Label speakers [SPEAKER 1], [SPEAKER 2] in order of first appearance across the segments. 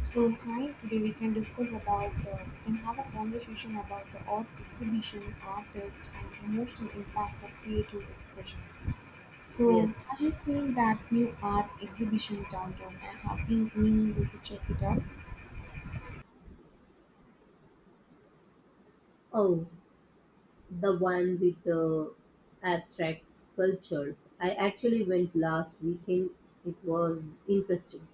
[SPEAKER 1] So hi, today we can discuss about we can have a conversation about the art exhibition, artist, and emotional impact of creative expressions. So have
[SPEAKER 2] Yes.
[SPEAKER 1] you seen that new art exhibition downtown? I have been meaning you to check it out.
[SPEAKER 2] Oh, the one with the abstract sculptures. I actually went last weekend. It was interesting.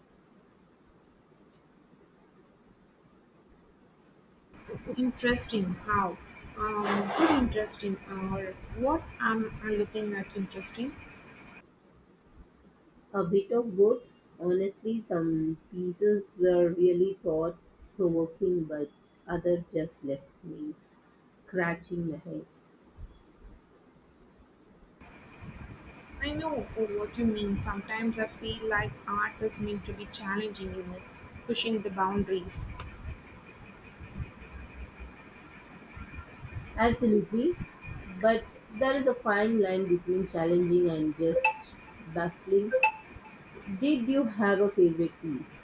[SPEAKER 1] Interesting. How? Um, Very interesting. Or what am I looking at interesting?
[SPEAKER 2] A bit of both. Honestly, some pieces were really thought provoking, but others just left me scratching my head.
[SPEAKER 1] I know what you mean. Sometimes I feel like art is meant to be challenging, pushing the boundaries.
[SPEAKER 2] Absolutely. But there is a fine line between challenging and just baffling. Did you have a favorite piece?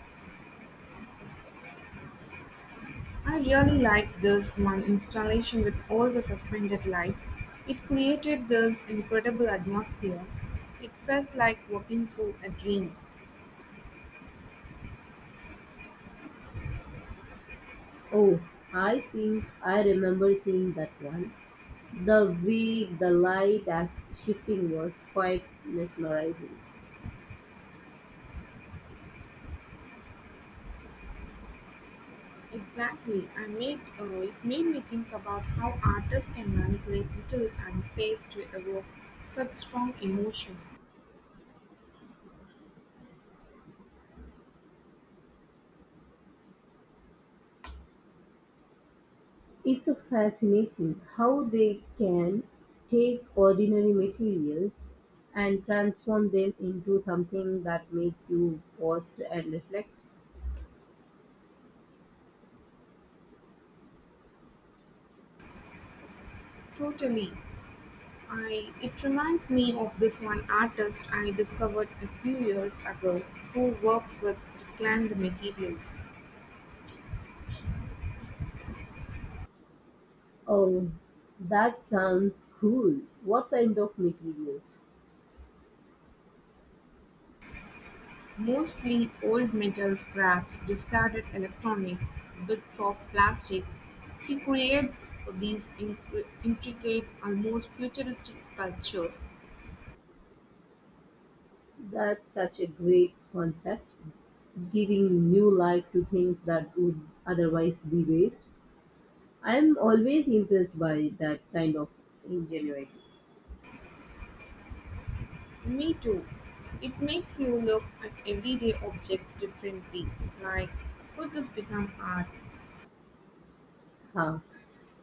[SPEAKER 1] I really liked this one installation with all the suspended lights. It created this incredible atmosphere. It felt like walking through a dream.
[SPEAKER 2] Oh, I think I remember seeing that one. The way the shifting was quite mesmerizing.
[SPEAKER 1] Exactly, I made it made me think about how artists can manipulate little and space to evoke such strong emotion.
[SPEAKER 2] It's a fascinating how they can take ordinary materials and transform them into something that makes you pause and reflect.
[SPEAKER 1] Totally, I it reminds me of this one artist I discovered a few years ago who works with reclaimed materials.
[SPEAKER 2] Oh, that sounds cool. What kind of materials?
[SPEAKER 1] Mostly old metal scraps, discarded electronics, bits of plastic. He creates these intricate, almost futuristic sculptures.
[SPEAKER 2] That's such a great concept, giving new life to things that would otherwise be waste. I'm always impressed by that kind of ingenuity.
[SPEAKER 1] Me too. It makes you look at everyday objects differently. Like, could this become art?
[SPEAKER 2] Huh.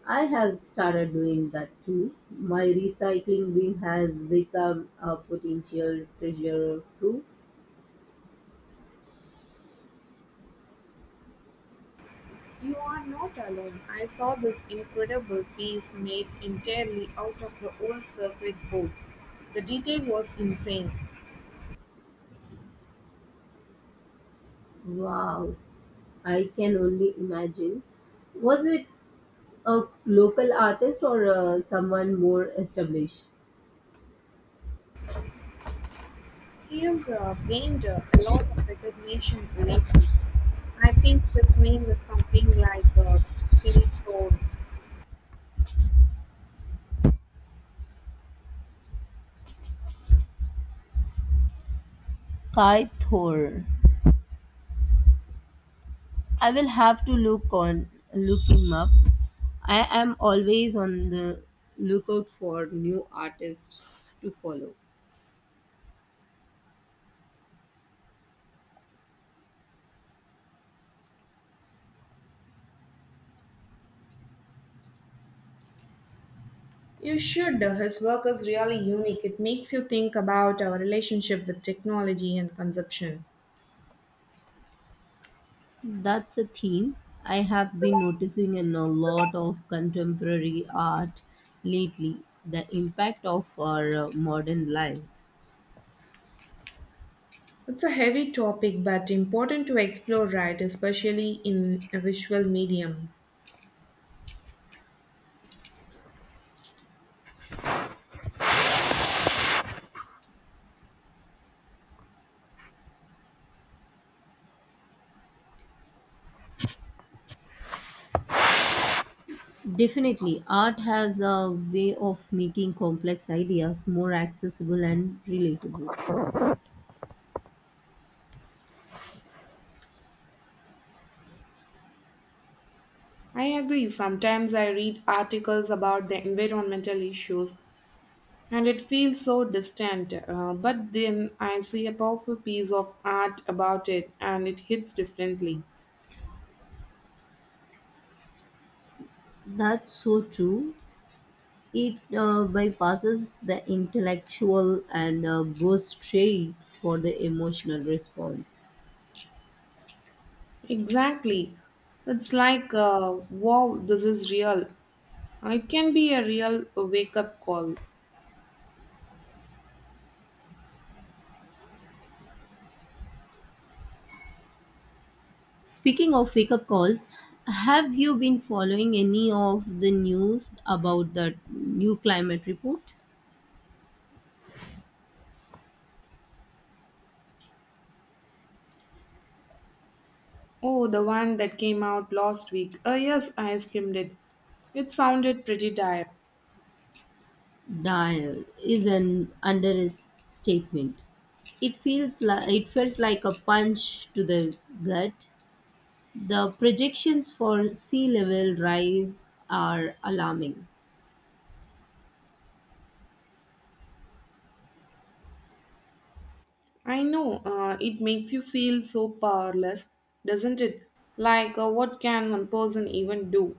[SPEAKER 2] I have started doing that too. My recycling bin has become a potential treasure too.
[SPEAKER 1] You are not alone. I saw this incredible piece made entirely out of the old circuit boards. The detail was insane.
[SPEAKER 2] Wow, I can only imagine. Was it a local artist or someone more established?
[SPEAKER 1] He's gained a lot of recognition lately. I think his name is something like Hilton.
[SPEAKER 2] Kai Thor. I will have to look him up. I am always on the lookout for new artists to follow.
[SPEAKER 1] You should. His work is really unique. It makes you think about our relationship with technology and consumption.
[SPEAKER 2] That's a theme I have been noticing in a lot of contemporary art lately, the impact of our modern lives.
[SPEAKER 1] It's a heavy topic but important to explore, right? Especially in a visual medium.
[SPEAKER 2] Definitely, art has a way of making complex ideas more accessible and relatable.
[SPEAKER 1] I agree. Sometimes I read articles about the environmental issues, and it feels so distant, but then I see a powerful piece of art about it and it hits differently.
[SPEAKER 2] That's so true. It bypasses the intellectual and goes straight for the emotional response.
[SPEAKER 1] Exactly. It's like, wow, this is real. It can be a real wake up call.
[SPEAKER 2] Speaking of wake up calls, have you been following any of the news about the new climate report?
[SPEAKER 1] Oh, the one that came out last week. Yes, I skimmed it. It sounded pretty dire.
[SPEAKER 2] That is an understatement. It felt like a punch to the gut. The projections for sea level rise are alarming.
[SPEAKER 1] I know, it makes you feel so powerless, doesn't it? Like, what can one person even do?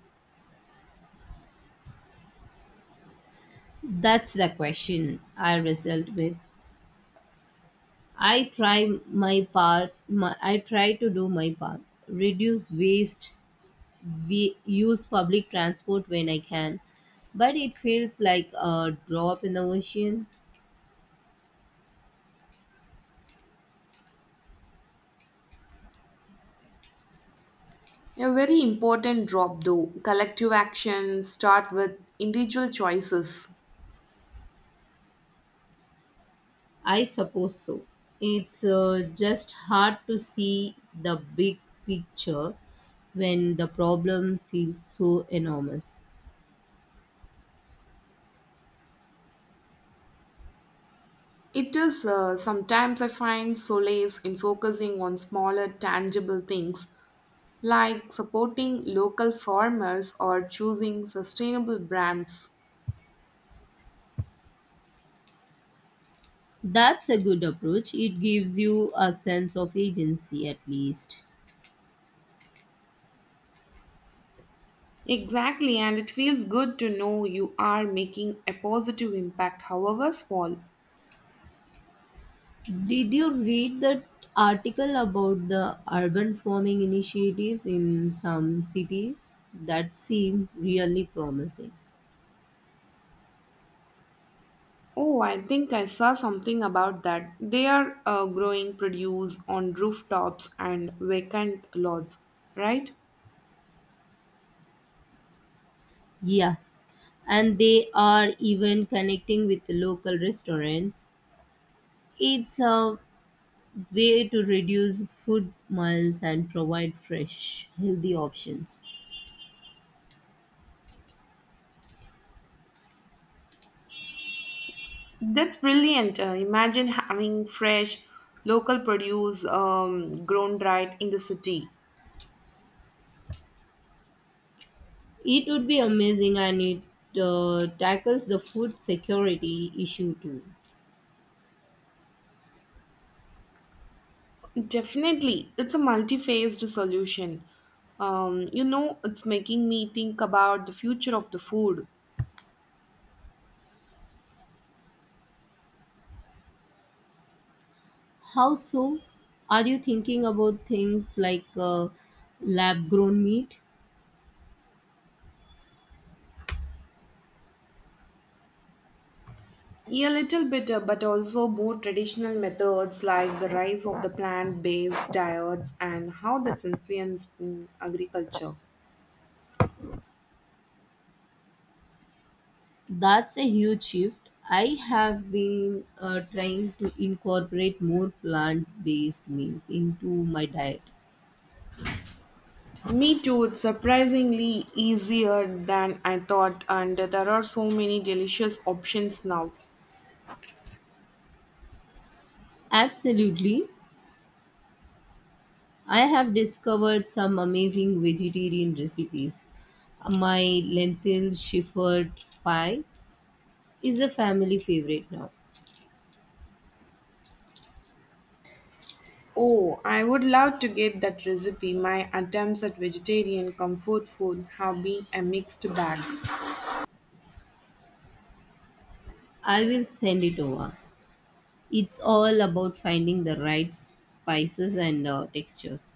[SPEAKER 2] That's the question I result with. I try to do my part. Reduce waste. We use public transport when I can, but it feels like a drop in the ocean.
[SPEAKER 1] A very important drop though. Collective action start with individual choices.
[SPEAKER 2] I suppose so. It's just hard to see the big picture when the problem feels so enormous.
[SPEAKER 1] It is Sometimes I find solace in focusing on smaller tangible things like supporting local farmers or choosing sustainable brands.
[SPEAKER 2] That's a good approach. It gives you a sense of agency at least.
[SPEAKER 1] Exactly, and it feels good to know you are making a positive impact, however small.
[SPEAKER 2] Did you read that article about the urban farming initiatives in some cities? That seemed really promising.
[SPEAKER 1] Oh, I think I saw something about that. They are growing produce on rooftops and vacant lots, right?
[SPEAKER 2] Yeah, and they are even connecting with the local restaurants. It's a way to reduce food miles and provide fresh, healthy options.
[SPEAKER 1] That's brilliant. Imagine having fresh local produce grown right in the city.
[SPEAKER 2] It would be amazing and it tackles the food security issue too.
[SPEAKER 1] Definitely, it's a multi phased solution. You know, it's making me think about the future of the food.
[SPEAKER 2] How so? Are you thinking about things like lab grown meat?
[SPEAKER 1] Yeah, a little bit, but also more traditional methods like the rise of the plant based diets and how that's influenced in agriculture.
[SPEAKER 2] That's a huge shift. I have been trying to incorporate more plant based meals into my diet.
[SPEAKER 1] Me too, it's surprisingly easier than I thought, and there are so many delicious options now.
[SPEAKER 2] Absolutely. I have discovered some amazing vegetarian recipes. My lentil shepherd pie is a family favorite now.
[SPEAKER 1] Oh, I would love to get that recipe. My attempts at vegetarian comfort food have been a mixed bag.
[SPEAKER 2] I will send it over. It's all about finding the right spices and textures.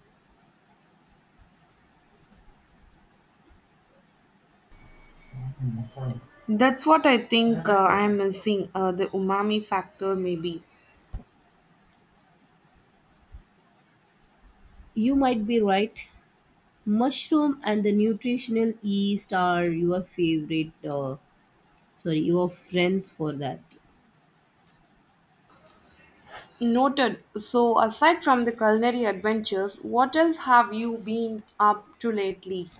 [SPEAKER 1] That's what I think I'm missing the umami factor, maybe.
[SPEAKER 2] You might be right. Mushroom and the nutritional yeast are your your friends for that.
[SPEAKER 1] Noted. So, aside from the culinary adventures, what else have you been up to lately?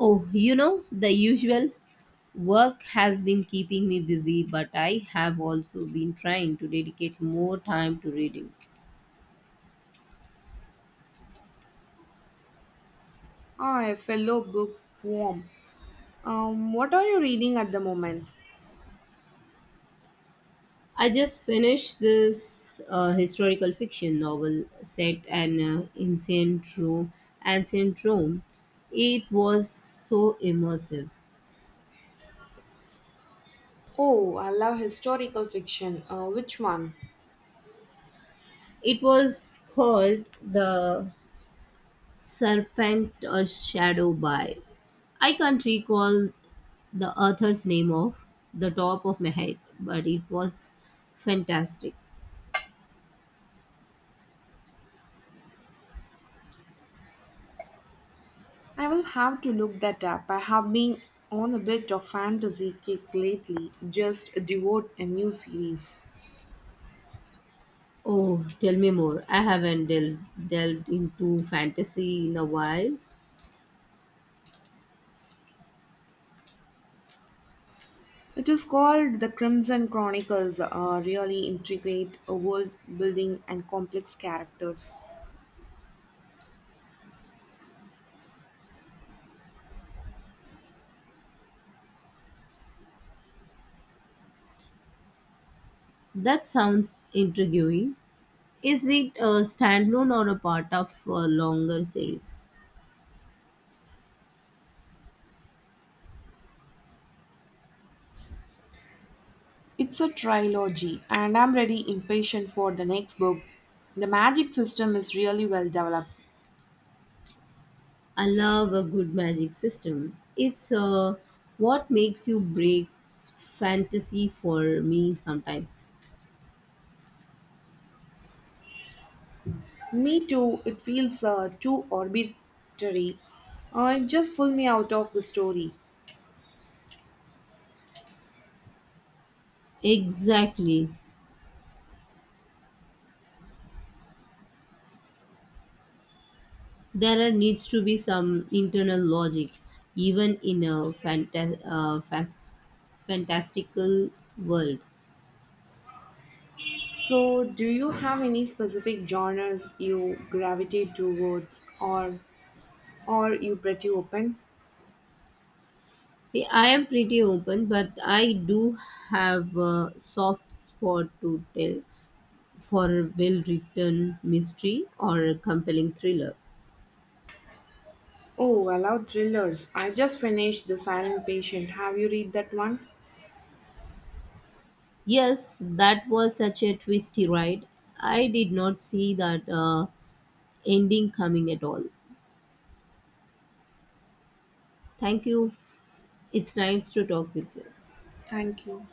[SPEAKER 2] Oh, you know, the usual. Work has been keeping me busy, but I have also been trying to dedicate more time to reading.
[SPEAKER 1] Ah, a fellow bookworm. What are you reading at the moment?
[SPEAKER 2] I just finished this historical fiction novel set in ancient Rome. Ancient Rome. It was so immersive.
[SPEAKER 1] Oh, I love historical fiction. Which one?
[SPEAKER 2] It was called The Serpent or Shadow by. I can't recall the author's name off the top of my head, but it was fantastic.
[SPEAKER 1] I will have to look that up. I have been on a bit of fantasy kick lately. Just devote a new series.
[SPEAKER 2] Oh, tell me more. I haven't delved into fantasy in a while.
[SPEAKER 1] It is called The Crimson Chronicles. Really intricate world building and complex characters.
[SPEAKER 2] That sounds intriguing. Is it a standalone or a part of a longer series?
[SPEAKER 1] It's a trilogy, and I'm ready impatient for the next book. The magic system is really well developed.
[SPEAKER 2] I love a good magic system. It's what makes you break fantasy for me sometimes.
[SPEAKER 1] Me too, it feels too arbitrary. It just pulled me out of the story.
[SPEAKER 2] Exactly. There are needs to be some internal logic, even in a fantastical world.
[SPEAKER 1] So, do you have any specific genres you gravitate towards, or you pretty open?
[SPEAKER 2] See, I am pretty open, but I do have a soft spot to tell for a well written mystery or a compelling thriller.
[SPEAKER 1] Oh, I love thrillers. I just finished The Silent Patient. Have you read that one?
[SPEAKER 2] Yes, that was such a twisty ride. I did not see that ending coming at all. Thank you. It's nice to talk with you.
[SPEAKER 1] Thank you.